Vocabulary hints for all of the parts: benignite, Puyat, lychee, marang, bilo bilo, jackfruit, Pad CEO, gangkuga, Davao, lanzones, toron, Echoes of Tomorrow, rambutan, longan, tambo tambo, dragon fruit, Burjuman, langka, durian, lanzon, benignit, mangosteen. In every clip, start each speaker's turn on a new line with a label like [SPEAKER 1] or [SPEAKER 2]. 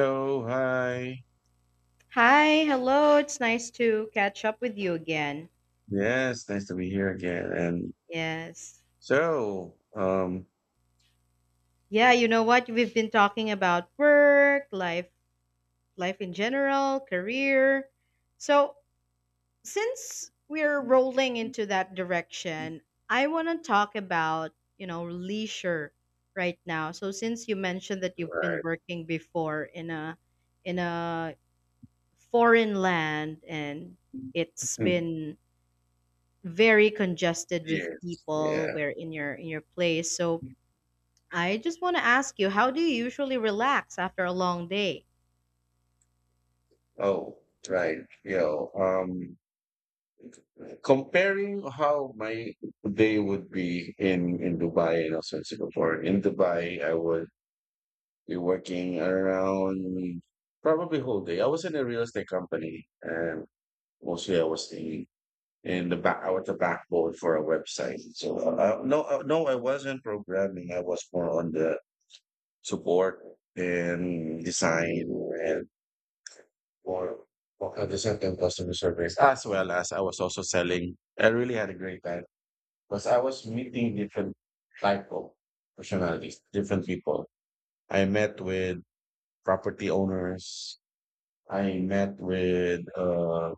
[SPEAKER 1] So hi.
[SPEAKER 2] Hi, hello. It's nice to catch up with you again.
[SPEAKER 1] Yes, nice to be here again. And
[SPEAKER 2] Yes.
[SPEAKER 1] so, um,
[SPEAKER 2] Yeah, you know what? We've been talking about work, life in general, career. So, since we're rolling into that direction, I want to talk about, leisure right now. So, since you mentioned that you've been
[SPEAKER 1] right.
[SPEAKER 2] working before in a foreign land and it's
[SPEAKER 1] Hmm.
[SPEAKER 2] been very congested with
[SPEAKER 1] Yes,
[SPEAKER 2] people
[SPEAKER 1] yeah.
[SPEAKER 2] where in your place. So I just want to ask you, how do you usually relax after a long day?
[SPEAKER 1] Oh, right. Comparing how my day would be in Dubai and also in Singapore. In Dubai, I would be working around probably whole day. I was in a real estate company, and mostly I was in the back. I was the backbone for a website. So no, no, I wasn't programming. I was more on the support and design and more on the second customer service, as well as I was also selling. I really had a great time because I was meeting different type of personalities, different people. I met with property owners. I met with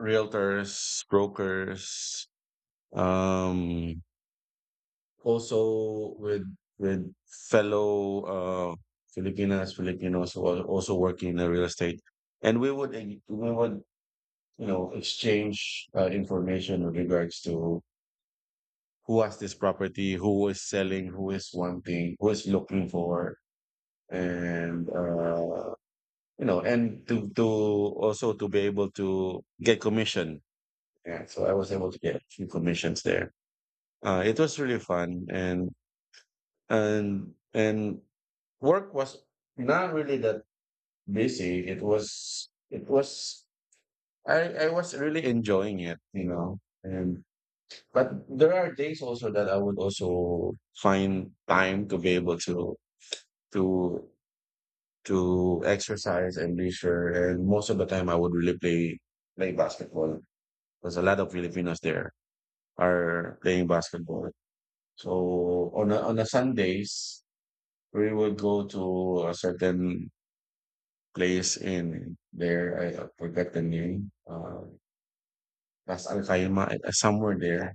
[SPEAKER 1] realtors, brokers, um, also with fellow Filipinas, Filipinos who are also working in the real estate, and we would you know exchange information with regards to who has this property, who is selling, who is wanting, who is looking for, and and to also to be able to get commission. Yeah, so I was able to get a few commissions there. It was really fun, and and work was not really that busy. It was I was really enjoying it. And but there are days also that I would also find time to be able to to exercise and leisure. And most of the time, I would really play basketball because a lot of Filipinos there are playing basketball. So on a Sundays, we would go to a certain place in there. I forgot the name. Las Alcaima, somewhere there.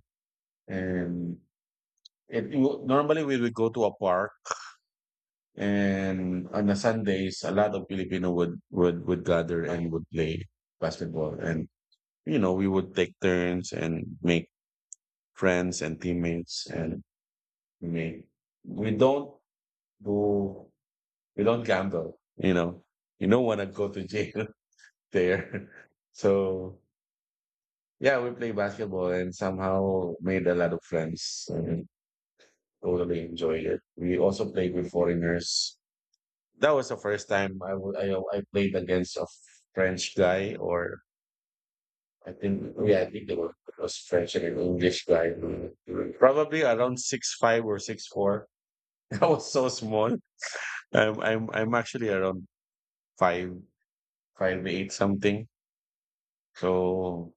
[SPEAKER 1] And normally we would go to a park, and on the Sundays, a lot of Filipino would gather and would play basketball. And you know, we would take turns and make friends and teammates, and make we don't do we don't gamble. You know, you don't want to go to jail there. So yeah, we play basketball and somehow made a lot of friends and totally enjoyed it. We also played with foreigners. That was the first time I wa- I played against a French guy, or I think they were it was French and an English guy. Probably around 6'5" or 6'4". I was so small. I'm actually around five five eight something. So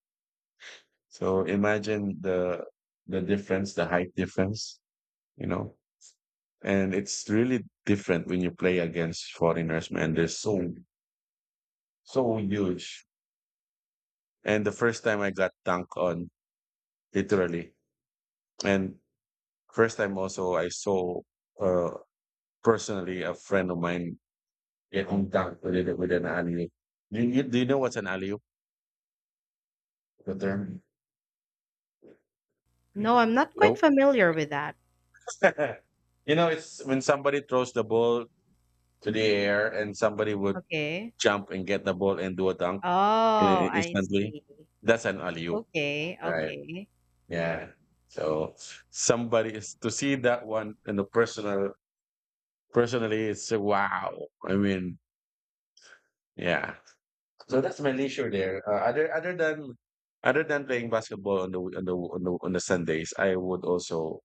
[SPEAKER 1] so imagine the difference, the height difference, you know. And it's really different when you play against foreigners, man. They're so so huge. And the first time I got dunked on, literally, and first time also I saw uh personally a friend of mine getting dunked with it with an alley. Do you know what's an alley? The term?
[SPEAKER 2] No, I'm not quite
[SPEAKER 1] Nope.
[SPEAKER 2] familiar with that.
[SPEAKER 1] You know, it's when somebody throws the ball to the air and somebody would
[SPEAKER 2] Okay.
[SPEAKER 1] jump and get the ball and do a dunk
[SPEAKER 2] Oh, I
[SPEAKER 1] instantly.
[SPEAKER 2] see.
[SPEAKER 1] That's an alley oop,
[SPEAKER 2] Okay,
[SPEAKER 1] right?
[SPEAKER 2] okay,
[SPEAKER 1] Yeah. So somebody is to see that one in the personally it's a wow. I mean, yeah. So that's my leisure there. Other than playing basketball on the Sundays, I would also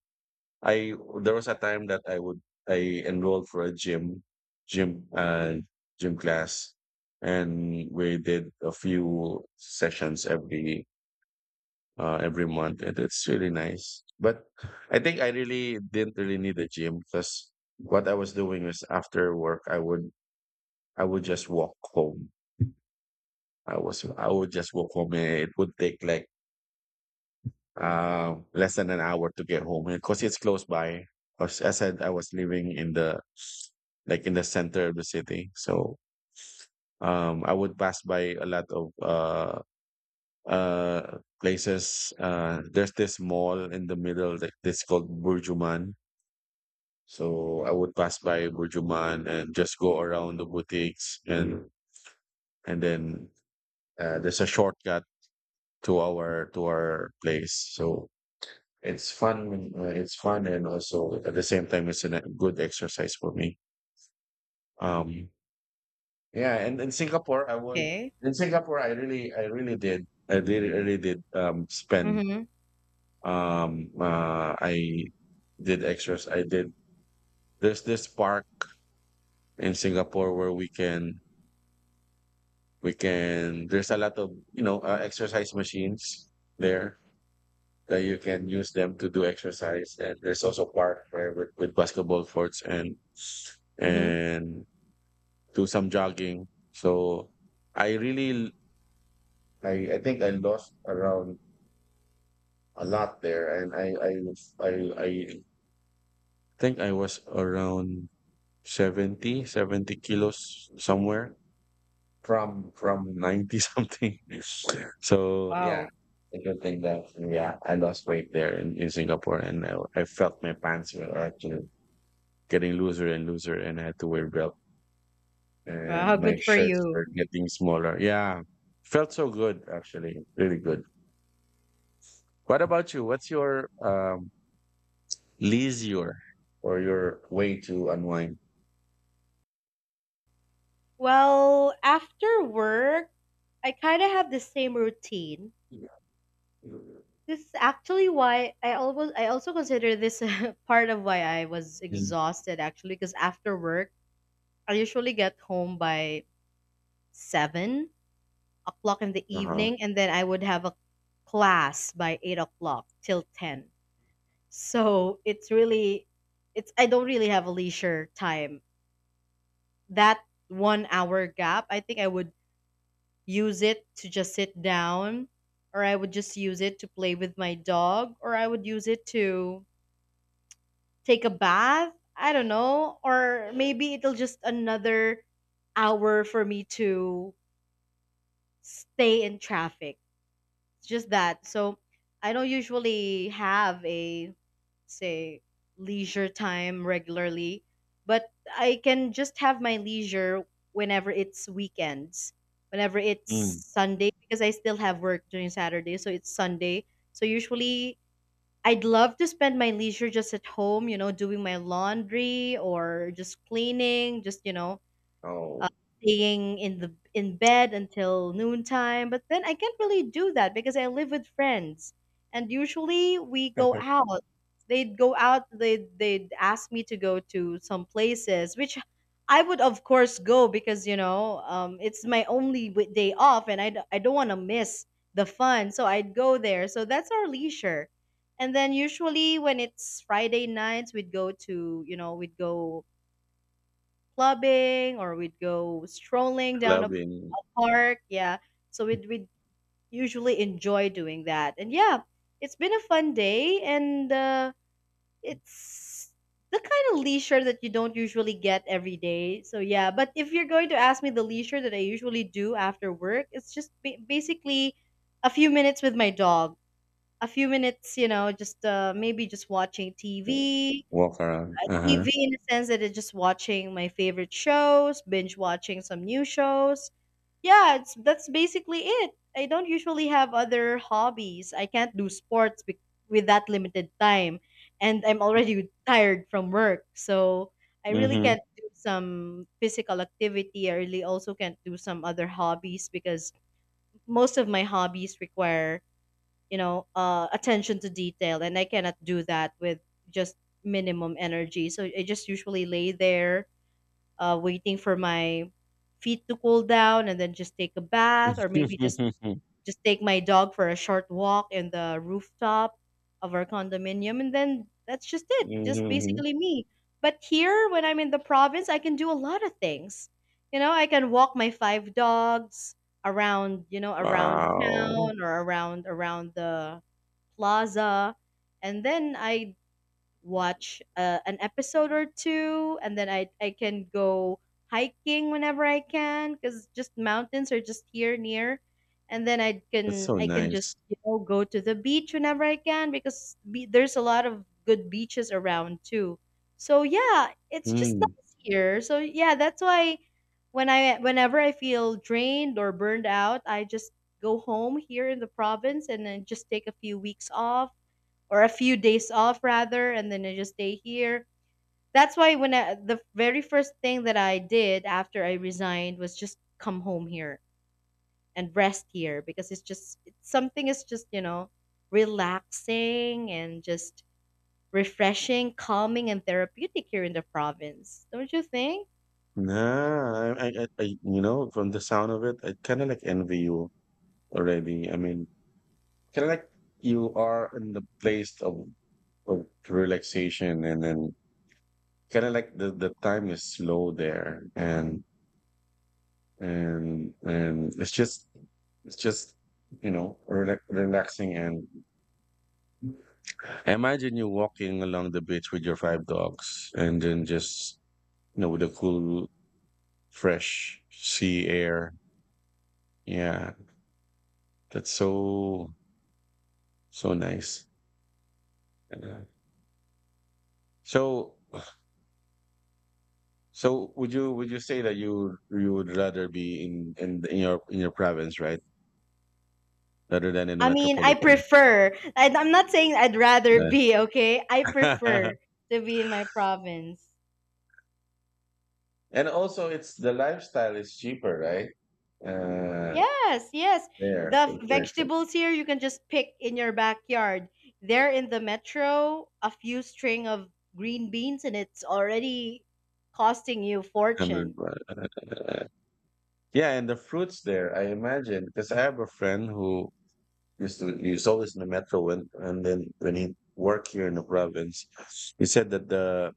[SPEAKER 1] I there was a time that I would I enrolled for a gym gym uh gym class, and we did a few sessions every month, and it's really nice. But I think I really didn't really need a gym, because what I was doing is after work, I would just walk home. I would just walk home, and it would take like less than an hour to get home, because it's close by. As I said, I was living in the like in the center of the city, so I would pass by a lot of places. There's this mall in the middle, like this called Burjuman. So I would pass by Burjuman and just go around the boutiques, and then there's a shortcut to our place. So it's fun, and also at the same time it's a good exercise for me. Um, yeah, and in Singapore I would
[SPEAKER 2] okay.
[SPEAKER 1] in Singapore I really did I really did spend
[SPEAKER 2] Mhm.
[SPEAKER 1] I did exercise I did there's this park in Singapore where we can there's a lot of, you know, exercise machines there that you can use them to do exercise. And there's also park where with basketball courts, and,
[SPEAKER 2] Mhm.
[SPEAKER 1] and do some jogging. So I really, I think I lost around a lot there. And I, I think I was around 70 70 kilos somewhere, from 90 something. So yeah,
[SPEAKER 2] Wow.
[SPEAKER 1] it's a good thing that yeah, I lost weight there in Singapore, and I felt my pants were actually getting looser and looser, and I had to wear belt,
[SPEAKER 2] Wow,
[SPEAKER 1] and my
[SPEAKER 2] good for
[SPEAKER 1] shirts
[SPEAKER 2] you.
[SPEAKER 1] were getting smaller. Yeah, felt so good actually, really good. What about you? What's your leisure or your way to unwind?
[SPEAKER 2] Well, after work, I kind of have the same routine.
[SPEAKER 1] Mm.
[SPEAKER 2] This is actually why I also consider this part of why I was exhausted actually because after work I usually get home by 7 o'clock in the
[SPEAKER 1] Uh-huh.
[SPEAKER 2] evening, and then I would have a class by 8 o'clock till 10. So it's really it's I don't really have a leisure time. That one hour gap, I think I would use it to just sit down, or I would just use it to play with my dog, or I would use it to take a bath. I don't know. Or maybe it'll just another hour for me to stay in traffic. It's just that. So I don't usually have a, say, leisure time regularly, but I can just have my leisure whenever it's weekends, whenever it's
[SPEAKER 1] Mm.
[SPEAKER 2] Sunday, because I still have work during Saturday. So it's Sunday. So usually I'd love to spend my leisure just at home, doing my laundry, or just cleaning, just, uh,
[SPEAKER 1] Oh,
[SPEAKER 2] staying in bed until noontime. But then I can't really do that because I live with friends, and usually we go out. They'd go out. They'd ask me to go to some places, which I would of course go because it's my only day off, and I don't want to miss the fun, so I'd go there. So that's our leisure. And then usually when it's Friday nights, we'd go to you know we'd go clubbing, or we'd go strolling down a
[SPEAKER 1] clubbing,
[SPEAKER 2] park. Yeah. So we'd usually enjoy doing that. And yeah, it's been a fun day. And it's the kind of leisure that you don't usually get every day. So yeah. But if you're going to ask me the leisure that I usually do after work, it's just basically a few minutes with my dog. A few minutes, just maybe just watching TV,
[SPEAKER 1] walk around. Uh-huh.
[SPEAKER 2] TV in the sense that it's just watching my favorite shows, binge watching some new shows. Yeah, it's that's basically it. I don't usually have other hobbies. I can't do sports with that limited time, and I'm already tired from work. So I really
[SPEAKER 1] Mhm.
[SPEAKER 2] can't do some physical activity. I really also can't do some other hobbies because most of my hobbies require attention to detail, and I cannot do that with just minimum energy. So I just usually lay there, waiting for my feet to cool down, and then just take a bath, or maybe just
[SPEAKER 1] Mhm.
[SPEAKER 2] just take my dog for a short walk in the rooftop of our condominium, and then that's just it, just basically me. But here when I'm in the province, I can do a lot of things. I can walk my five dogs around you know around
[SPEAKER 1] Wow,
[SPEAKER 2] town, or around the plaza, and then I watch an episode or two, and then I can go hiking whenever I can because just mountains are just here near, and then I
[SPEAKER 1] that's
[SPEAKER 2] can
[SPEAKER 1] so
[SPEAKER 2] I can
[SPEAKER 1] nice.
[SPEAKER 2] just go to the beach whenever I can because there's a lot of good beaches around too. So yeah, it's just
[SPEAKER 1] Mm.
[SPEAKER 2] nice here. So yeah, that's why when I whenever I feel drained or burned out, I just go home here in the province, and then just take a few weeks off, or a few days off rather, and then I just stay here. That's why when the very first thing that I did after I resigned was just come home here and rest here because it's just something is just relaxing, and just refreshing, calming, and therapeutic here in the province. Don't you think?
[SPEAKER 1] Nah, you know, from the sound of it, I kind of like envy you already. I mean, kind of like you are in the place of relaxation, and then kind of like the time is slow there, and and it's just you know relax, relaxing, and imagine you walking along the beach with your five dogs, and then just, you know, with the cool, fresh sea air. Yeah, that's so, so nice. Yeah. So, would you say that you would rather be in your province, right? Rather than in the
[SPEAKER 2] I mean, I
[SPEAKER 1] metropolitan.
[SPEAKER 2] prefer. I'm not saying I'd rather be, okay? I
[SPEAKER 1] Yeah.
[SPEAKER 2] prefer to be in my province.
[SPEAKER 1] And also it's the lifestyle is cheaper, right? Uh,
[SPEAKER 2] Yes, yes.
[SPEAKER 1] there
[SPEAKER 2] The
[SPEAKER 1] compared to
[SPEAKER 2] vegetables here you can just pick in your backyard. There in the metro, a few string of green beans and it's already costing you fortune.
[SPEAKER 1] 100. Yeah, and the fruits there, I imagine, because I have a friend who used to he was always in the metro when and then when he worked here in the province, he said that the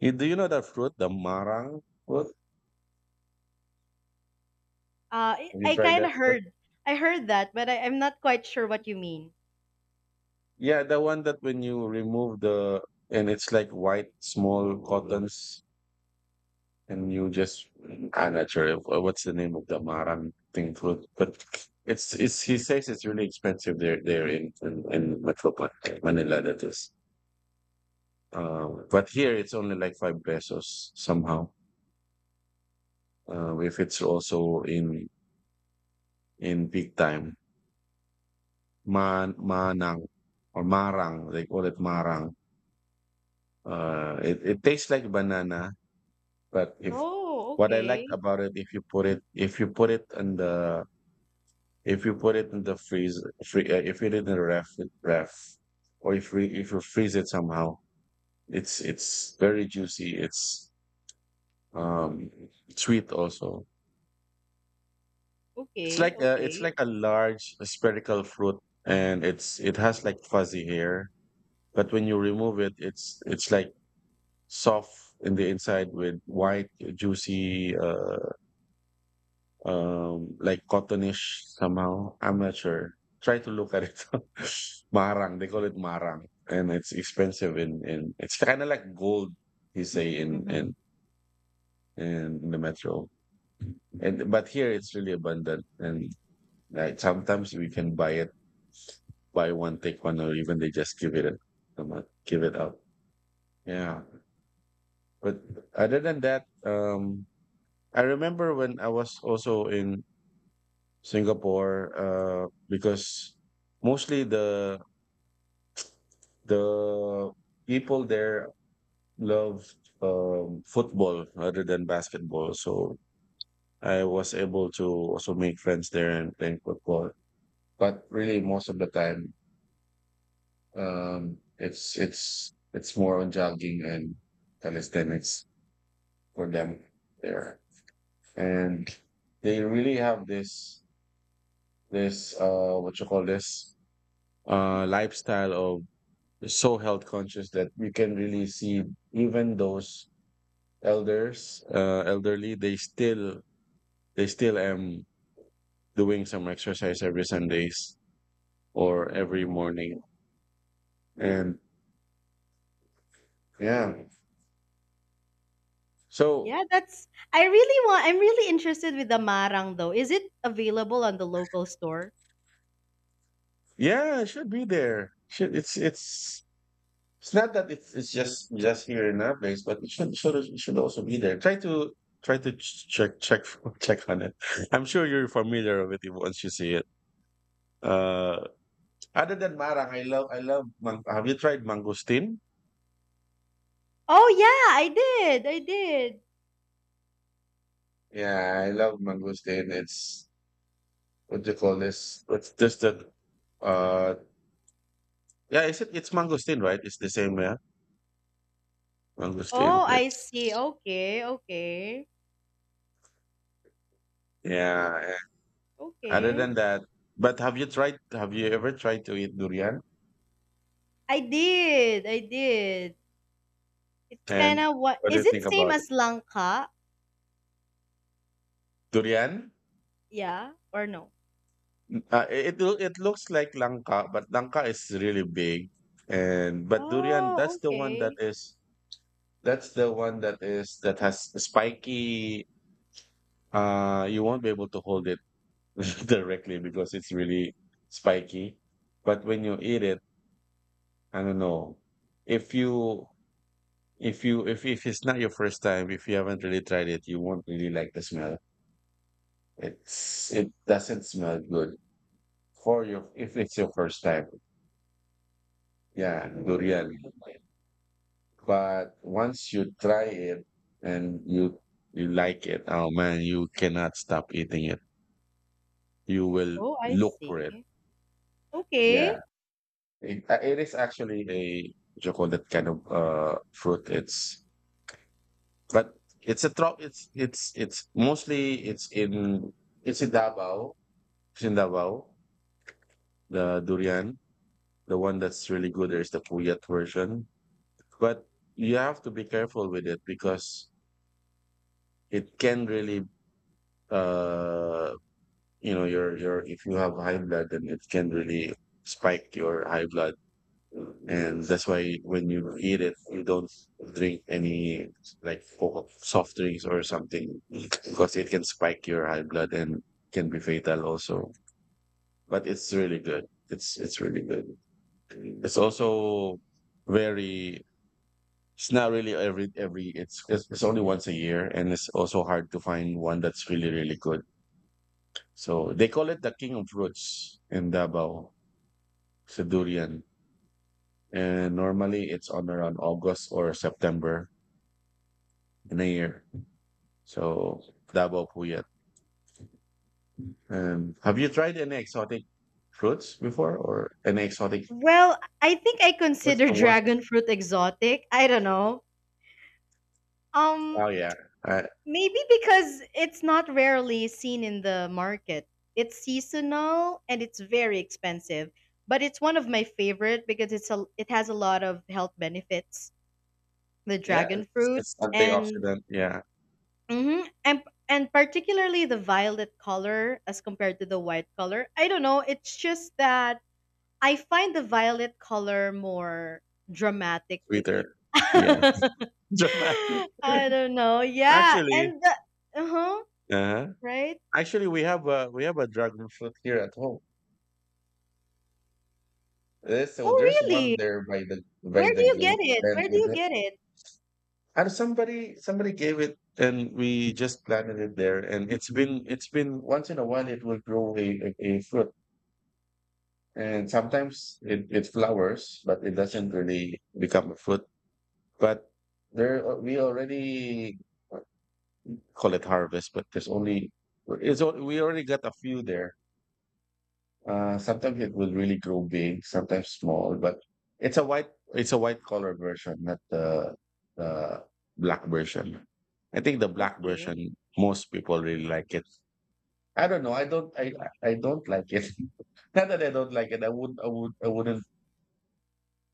[SPEAKER 1] you, do you know that fruit, the marang fruit?
[SPEAKER 2] Uh, I,
[SPEAKER 1] Have you
[SPEAKER 2] I
[SPEAKER 1] tried
[SPEAKER 2] kind
[SPEAKER 1] that
[SPEAKER 2] of
[SPEAKER 1] fruit?
[SPEAKER 2] heard, I heard that, but I'm not quite sure what you mean.
[SPEAKER 1] Yeah, the one that when you remove the and it's like white small cottons, and you just I'm not sure what's the name of the marang thing fruit, but it's he says it's really expensive there in Metro Manila, that is. But here it's only like 5 pesos somehow. If it's also in peak time, manang or marang, they call it marang. It it tastes like banana, but if
[SPEAKER 2] Oh,
[SPEAKER 1] what I liked
[SPEAKER 2] okay,
[SPEAKER 1] about it, if you put it if you put it in the if you put it in the freeze, if you did in the ref, ref, or if you freeze it somehow, it's very juicy. It's um sweet also.
[SPEAKER 2] okay,
[SPEAKER 1] It's
[SPEAKER 2] okay.
[SPEAKER 1] like a large spherical fruit, and it has like fuzzy hair. But when you remove it, it's like soft in the inside with white, juicy, like cottonish somehow. I'm not sure. Try to look at it. Marang, they call it marang, and it's expensive in in. It's kind of like gold, you say
[SPEAKER 2] Mm-hmm.
[SPEAKER 1] in the metro. And but here it's really abundant, and like sometimes we can buy it buy one take one, or even they just give it a, give it up. Yeah, but other than that I remember when I was also in Singapore because mostly the people there love football rather than basketball. So I was able to also make friends there and playing football, but really most of the time it's it's more on jogging and calisthenics for them there. And they really have this what you call this lifestyle of so health conscious that you can really see even those elders elderly they still am doing some exercise every Sundays or every morning. And yeah. So
[SPEAKER 2] Yeah, that's. I really want. I'm really interested with the marang though. Is it available on the local store?
[SPEAKER 1] yeah, it should be there. Should it's it's. It's not that it's just here in our place, but it should it should also be there. Try to try to check check check on it. I'm sure you're familiar with it once you see it. Uh, Other than marang, I love. Have you tried mangosteen?
[SPEAKER 2] Oh yeah, I did. I did.
[SPEAKER 1] Yeah, I love mangosteen. It's what do you call this? It's just that. Uh, yeah, is it? It's mangosteen, right? It's the same, yeah.
[SPEAKER 2] Oh,
[SPEAKER 1] Mangosteen.
[SPEAKER 2] I
[SPEAKER 1] It's
[SPEAKER 2] see. Okay, okay,
[SPEAKER 1] yeah. Yeah. Other
[SPEAKER 2] okay.
[SPEAKER 1] than that, but have you tried? Have you ever tried to eat durian?
[SPEAKER 2] I did, I did. It's kind
[SPEAKER 1] And
[SPEAKER 2] of What
[SPEAKER 1] what do
[SPEAKER 2] is
[SPEAKER 1] you
[SPEAKER 2] it,
[SPEAKER 1] think
[SPEAKER 2] same
[SPEAKER 1] about it?
[SPEAKER 2] as langka?
[SPEAKER 1] Durian?
[SPEAKER 2] Yeah or no?
[SPEAKER 1] It looks like langka, but langka is really big, and but durian,
[SPEAKER 2] Oh,
[SPEAKER 1] that's the one that
[SPEAKER 2] okay.
[SPEAKER 1] is that's the one that has spiky, you won't be able to hold it directly because it's really spiky. But when you eat it, I don't know, if you if it's not your first time, if you haven't really tried it, you won't really like the smell. It doesn't smell good for your if it's your first time. Yeah, durian. But once you try it and you like it, oh man, you cannot stop eating it. You will
[SPEAKER 2] Oh, I
[SPEAKER 1] look for it.
[SPEAKER 2] see.
[SPEAKER 1] Yeah,
[SPEAKER 2] Okay.
[SPEAKER 1] it is actually a chocolate kind of fruit. But it's a trop. It's mostly it's in Davao. It's in Davao. The durian, the one that's really good. There's the Puyat version, but you have to be careful with it because it can really uh you know your if you have high blood, then it can really spike your high blood. And that's why when you eat it, you don't drink any like soft drinks or something, because it can spike your high blood and can be fatal also. But it's really good. It's really good. It's also very. It's not really every it's only once a year, and it's also hard to find one that's really really good. So they call it the king of fruits in Davao, sa durian. And normally it's on around August or September in a year. So Davao po yan. Have you tried any exotic fruits before, or any exotic?
[SPEAKER 2] Well, I think I
[SPEAKER 1] What's
[SPEAKER 2] consider
[SPEAKER 1] the worst?
[SPEAKER 2] dragon fruit exotic. I don't know. Um,
[SPEAKER 1] Oh yeah, uh,
[SPEAKER 2] Maybe because it's not rarely seen in the market. It's seasonal and it's very expensive, but it's one of my favorite because it has a lot of health benefits. The
[SPEAKER 1] yeah,
[SPEAKER 2] dragon fruit,
[SPEAKER 1] it's
[SPEAKER 2] and
[SPEAKER 1] antioxidant. Yeah,
[SPEAKER 2] mhm, and particularly the violet color as compared to the white color. I don't know. It's just that I find the violet color more dramatic to eat.
[SPEAKER 1] sweeter. Yeah, dramatic.
[SPEAKER 2] I don't know. Yeah,
[SPEAKER 1] Actually,
[SPEAKER 2] and the uh huh,
[SPEAKER 1] uh
[SPEAKER 2] right?
[SPEAKER 1] Actually, we have a dragon fruit here at home.
[SPEAKER 2] Oh,
[SPEAKER 1] So there's one
[SPEAKER 2] really?
[SPEAKER 1] there by the by
[SPEAKER 2] Where
[SPEAKER 1] the
[SPEAKER 2] do you get
[SPEAKER 1] gate,
[SPEAKER 2] it?
[SPEAKER 1] and
[SPEAKER 2] Where do you get it?
[SPEAKER 1] somebody gave it, and we just planted it there. And it's been once in a while it will grow a fruit, and sometimes it flowers, but it doesn't really become a fruit. But there we already call it harvest, but there's only we already got a few there. Sometimes it will really grow big, sometimes small, but it's a white color version, not the black version. I think the black
[SPEAKER 2] Okay.
[SPEAKER 1] version most people really like it. I don't know. I don't like it. Not that I don't like it. I would. I would. I wouldn't.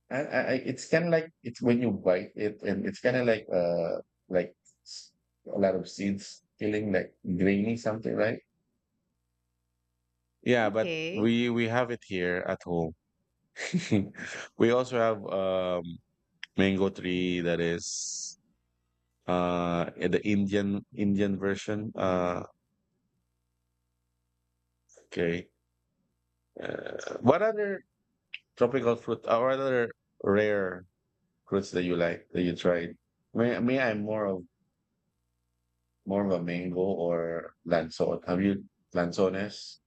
[SPEAKER 1] It's kind of like it's when you bite it, and it's kind of like like s- a lot of seeds, feeling like grainy something, right? Yeah, but
[SPEAKER 2] Okay.
[SPEAKER 1] we have it here at home. We also have mango tree that is in the Indian version. Okay. What other tropical fruit or other rare fruits that you like that you tried? I'm more of a mango or lanzon. Have you lanzones?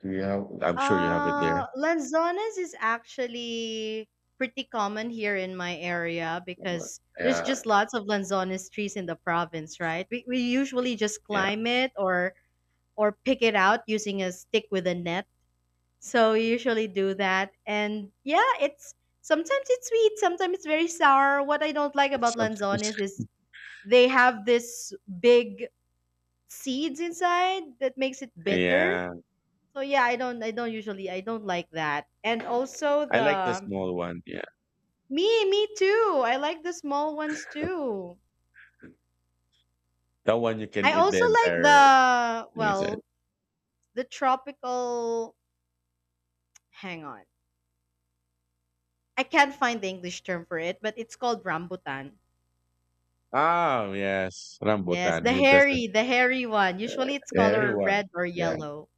[SPEAKER 1] Do you have? I'm sure you have it there.
[SPEAKER 2] Lanzones is actually pretty common here in my area because there's just
[SPEAKER 1] Yeah,
[SPEAKER 2] lots of lanzones trees in the province, right? We usually just
[SPEAKER 1] yeah.
[SPEAKER 2] climb it, or pick it out using a stick with a net. So we usually do that. And yeah, it's sometimes it's sweet, sometimes it's very sour. What I don't like
[SPEAKER 1] It's
[SPEAKER 2] about
[SPEAKER 1] sometimes.
[SPEAKER 2] lanzones is they have this big seeds inside that makes it bitter.
[SPEAKER 1] Yeah,
[SPEAKER 2] So yeah, I don't usually I don't like that. And also
[SPEAKER 1] I like the
[SPEAKER 2] the
[SPEAKER 1] small one. Yeah,
[SPEAKER 2] me me too. I like the small ones too.
[SPEAKER 1] that one you
[SPEAKER 2] I
[SPEAKER 1] can eat the
[SPEAKER 2] also like
[SPEAKER 1] entire
[SPEAKER 2] the,
[SPEAKER 1] thing.
[SPEAKER 2] well, the tropical, hang on. I can't find the English term for it, but it's called rambutan.
[SPEAKER 1] Ah yes,
[SPEAKER 2] Yes,
[SPEAKER 1] rambutan.
[SPEAKER 2] the
[SPEAKER 1] Who doesn't?
[SPEAKER 2] hairy, the hairy one. Usually it's color
[SPEAKER 1] Everyone.
[SPEAKER 2] red or
[SPEAKER 1] Yeah.
[SPEAKER 2] yellow.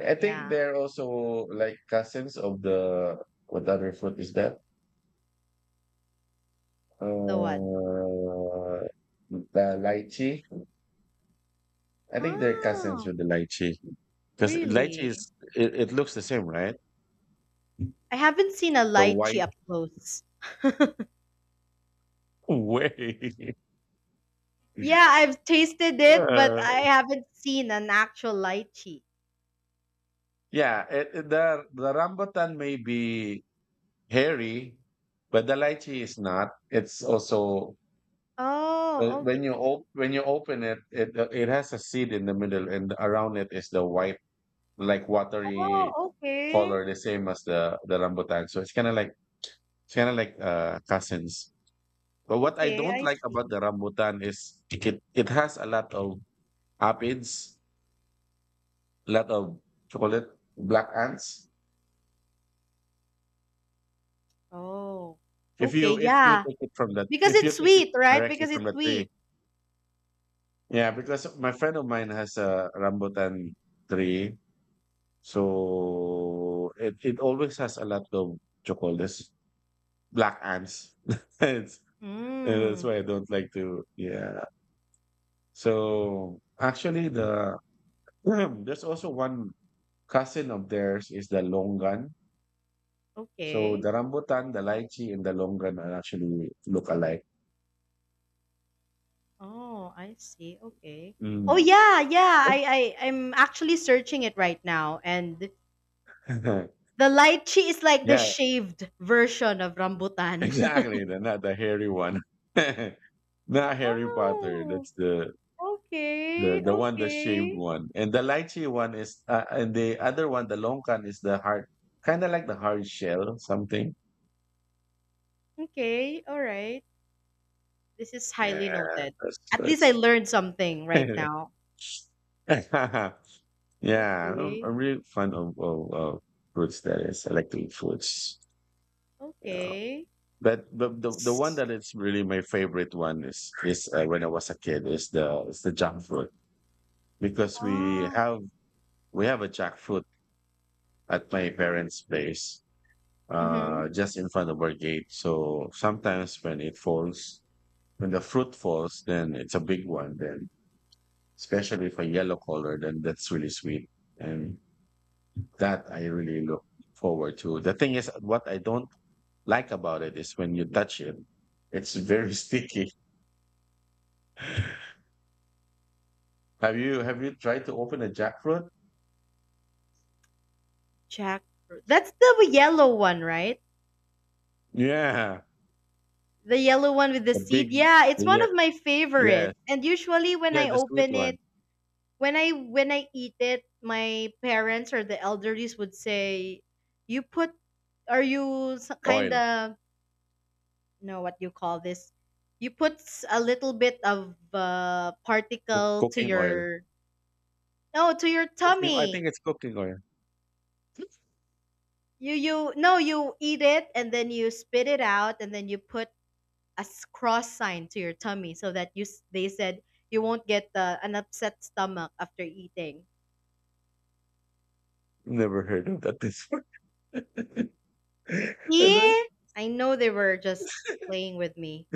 [SPEAKER 1] I think
[SPEAKER 2] Yeah.
[SPEAKER 1] they're also like cousins of the what other fruit is that?
[SPEAKER 2] The what?
[SPEAKER 1] Uh, the lychee. I think they're cousins
[SPEAKER 2] Oh,
[SPEAKER 1] with the lychee, because lychee
[SPEAKER 2] really?
[SPEAKER 1] is it looks the same, right?
[SPEAKER 2] I haven't seen a
[SPEAKER 1] The
[SPEAKER 2] lychee
[SPEAKER 1] white
[SPEAKER 2] up close.
[SPEAKER 1] way.
[SPEAKER 2] Yeah, I've tasted it, but
[SPEAKER 1] Uh,
[SPEAKER 2] I haven't seen an actual lychee.
[SPEAKER 1] yeah, the rambutan may be hairy, but the lychee is not. It's also.
[SPEAKER 2] Oh, okay.
[SPEAKER 1] When you when you open it, it has a seed in the middle, and around it is the white, like
[SPEAKER 2] Oh,
[SPEAKER 1] watery
[SPEAKER 2] okay.
[SPEAKER 1] color, the same as the rambutan. So it's kind of like it's kind of like cousins. But what I
[SPEAKER 2] Okay,
[SPEAKER 1] don't
[SPEAKER 2] I
[SPEAKER 1] like
[SPEAKER 2] see.
[SPEAKER 1] about the rambutan is it has a lot of aphids, a lot of chocolate black ants.
[SPEAKER 2] Oh,
[SPEAKER 1] If
[SPEAKER 2] okay.
[SPEAKER 1] you
[SPEAKER 2] Yeah,
[SPEAKER 1] take it from the
[SPEAKER 2] because
[SPEAKER 1] if you
[SPEAKER 2] it's
[SPEAKER 1] take it
[SPEAKER 2] sweet, right?
[SPEAKER 1] directly
[SPEAKER 2] Because
[SPEAKER 1] from
[SPEAKER 2] it's
[SPEAKER 1] the tree,
[SPEAKER 2] sweet.
[SPEAKER 1] yeah, because my friend of mine has a rambutan tree. So it always has a lot of chocolates, black ants. It's- that's
[SPEAKER 2] Mm,
[SPEAKER 1] why I don't like to. Yeah. So actually, the there's also one cousin of theirs is the longan. So
[SPEAKER 2] okay.
[SPEAKER 1] the rambutan, the lychee, and the longan are actually look alike.
[SPEAKER 2] Oh, I see. Okay. Oh,
[SPEAKER 1] Mm.
[SPEAKER 2] yeah, yeah. I'm actually searching it right now, and the lychee is like the
[SPEAKER 1] Yeah,
[SPEAKER 2] shaved version of rambutan.
[SPEAKER 1] exactly. The not the hairy one. Not Harry Potter.
[SPEAKER 2] Oh,
[SPEAKER 1] That's the. The
[SPEAKER 2] okay,
[SPEAKER 1] one, the shaved
[SPEAKER 2] okay.
[SPEAKER 1] one, and the lychee one is, and the other one, the longkan is the hard, kind of like the hard shell something.
[SPEAKER 2] Okay, all right. This is highly
[SPEAKER 1] Yeah,
[SPEAKER 2] noted. At least I
[SPEAKER 1] that's
[SPEAKER 2] learned something right now.
[SPEAKER 1] that's. Yeah,
[SPEAKER 2] Okay,
[SPEAKER 1] I'm really fond of fruits. That is, I like to eat fruits. Yeah,
[SPEAKER 2] okay.
[SPEAKER 1] but the one
[SPEAKER 2] S-
[SPEAKER 1] that is really my favorite one is when I was a kid is the jackfruit, because
[SPEAKER 2] Ah,
[SPEAKER 1] we have a jackfruit at my parents' place,
[SPEAKER 2] mm-hmm.
[SPEAKER 1] just in front of our gate. So sometimes when it falls, when the fruit falls, then it's a big one. Then, especially if a yellow color, then that's really sweet. And that I really look forward to. The thing is, what I don't like about it is when you touch it, it's very sticky. Have you tried to open a jackfruit?
[SPEAKER 2] Jackfruit. That's the yellow one, right?
[SPEAKER 1] Yeah,
[SPEAKER 2] The yellow one with the
[SPEAKER 1] the big,
[SPEAKER 2] seed. Yeah, it's
[SPEAKER 1] the,
[SPEAKER 2] one
[SPEAKER 1] yeah,
[SPEAKER 2] of my favorites.
[SPEAKER 1] yes,
[SPEAKER 2] And usually when
[SPEAKER 1] yeah,
[SPEAKER 2] I
[SPEAKER 1] the sweet
[SPEAKER 2] open it,
[SPEAKER 1] one.
[SPEAKER 2] when I eat it, my parents or the elderlies would say, "You put, are you kind
[SPEAKER 1] Oil.
[SPEAKER 2] of know what you call this, you put a little bit of particle to
[SPEAKER 1] Cooking oil,
[SPEAKER 2] your, no, to your
[SPEAKER 1] cooking. I
[SPEAKER 2] tummy,
[SPEAKER 1] think it's cooking oil.
[SPEAKER 2] you, no, you eat it, and then you spit it out, and then you put a cross sign to your tummy, so that they said you won't get an upset stomach after eating.
[SPEAKER 1] Never heard of that. And then
[SPEAKER 2] See, I know they were just playing with me.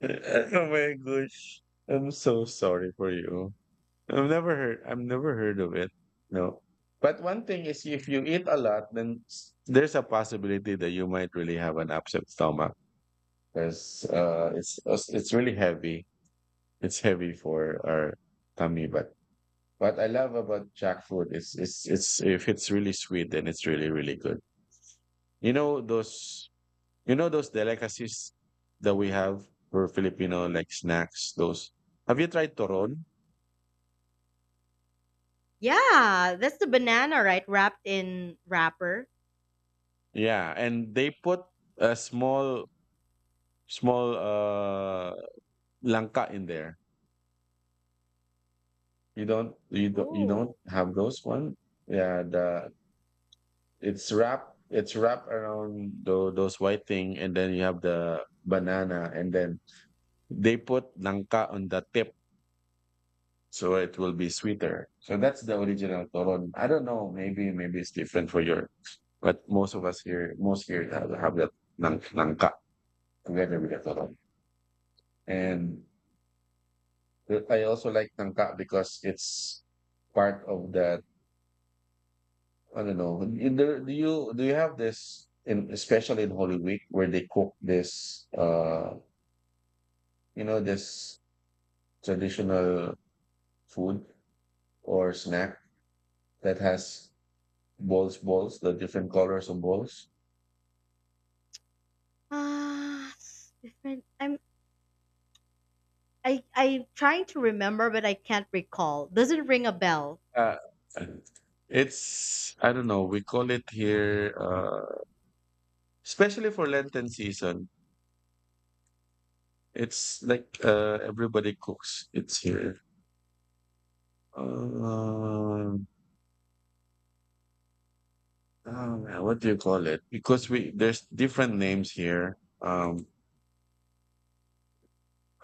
[SPEAKER 1] oh my gosh. I'm so sorry for you. I've never heard of it. No. But one thing is if you eat a lot, then there's a possibility that you might really have an upset stomach, because it's really heavy. It's heavy for our tummy. But what I love about jackfruit is it's if it's really sweet, then it's really really good. You know those You know those delicacies that we have for Filipino like snacks, those. Have you tried toron?
[SPEAKER 2] Yeah, that's the banana, right? Wrapped in wrapper.
[SPEAKER 1] Yeah, and they put a small langka in there. You don't
[SPEAKER 2] Oh.
[SPEAKER 1] have those one? Yeah, the it's wrapped around the those white thing, and then you have the banana, and then they put langka on the tip so it will be sweeter. So that's the original toron. I don't know, maybe maybe it's different for your. But most of us here, most here have that nangka together with that toro. And I also like nangka because it's part of that. I don't know. Do you have this in especially in Holy Week where they cook this you know this traditional food or snack that has balls, the different colors of balls.
[SPEAKER 2] Ah, different. I'm trying to remember, but I can't recall. Doesn't ring a bell.
[SPEAKER 1] Uh, it's I don't know. We call it here. Especially for Lenten season, it's like everybody cooks. It's here. Um, oh, man, what do you call it? Because we there's different names here.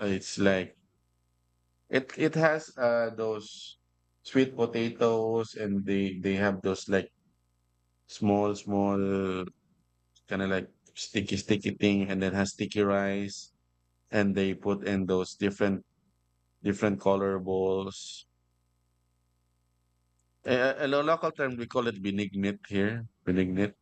[SPEAKER 1] It's like it has those sweet potatoes, and they have those like small kind of like sticky thing, and then has sticky rice, and they put in those different color balls. A local term, we call it benignite here. Benignite.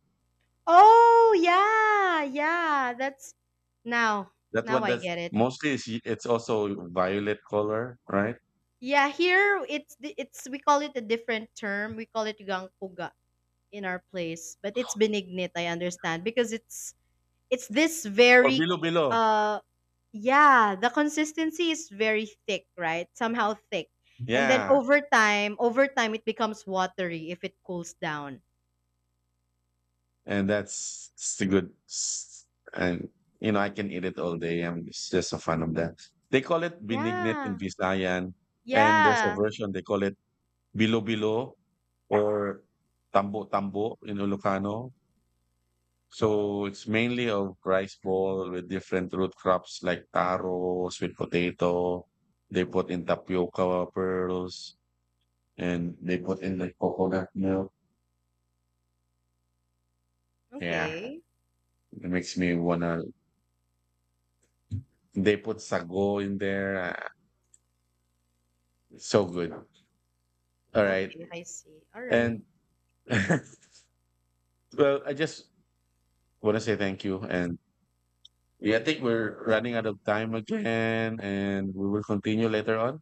[SPEAKER 2] Oh yeah, yeah. That's now
[SPEAKER 1] That
[SPEAKER 2] now
[SPEAKER 1] one
[SPEAKER 2] I
[SPEAKER 1] that's
[SPEAKER 2] get it.
[SPEAKER 1] mostly is it's also violet color, right?
[SPEAKER 2] Yeah, here it's the- it's we call it a different term. We call it gangkuga in our place, but it's benignit. I understand because it's this
[SPEAKER 1] Or
[SPEAKER 2] very
[SPEAKER 1] bilo bilo.
[SPEAKER 2] uh yeah, the consistency is very thick, right? Somehow thick, and then
[SPEAKER 1] Yeah.
[SPEAKER 2] over time it becomes watery if it cools down.
[SPEAKER 1] And that's it's the good. And you know, I can eat it all day. I'm It's just a fan of that. They call it benignite in
[SPEAKER 2] Yeah.
[SPEAKER 1] Visayan. And there's a
[SPEAKER 2] Yeah.
[SPEAKER 1] version they call it bilo bilo or tambo tambo in Ilocano. So it's mainly a rice ball with different root crops like taro, sweet potato. They put in tapioca pearls, and they put in like coconut milk. Yeah,
[SPEAKER 2] Okay.
[SPEAKER 1] it makes me wanna. They put sago in there. Ah, it's so good. All right,
[SPEAKER 2] Okay, I see. All right.
[SPEAKER 1] and well, I just want to say thank you. And yeah, I think we're running out of time again, and we will continue later on.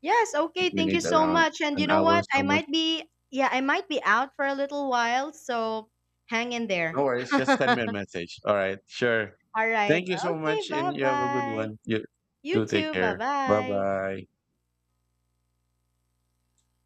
[SPEAKER 2] Yes, okay.
[SPEAKER 1] We
[SPEAKER 2] Thank you
[SPEAKER 1] need
[SPEAKER 2] so
[SPEAKER 1] around
[SPEAKER 2] much. And you
[SPEAKER 1] an
[SPEAKER 2] know
[SPEAKER 1] hour
[SPEAKER 2] what? I
[SPEAKER 1] somewhere.
[SPEAKER 2] might be yeah, I might be out for a little while, so hang in there.
[SPEAKER 1] No worries.
[SPEAKER 2] All
[SPEAKER 1] Just send me a message. All right. Sure.
[SPEAKER 2] right.
[SPEAKER 1] Thank you so
[SPEAKER 2] Okay,
[SPEAKER 1] much, and you have a good
[SPEAKER 2] bye-bye.
[SPEAKER 1] one. You do
[SPEAKER 2] You
[SPEAKER 1] take
[SPEAKER 2] too.
[SPEAKER 1] care. Bye
[SPEAKER 2] Bye-bye.
[SPEAKER 1] bye.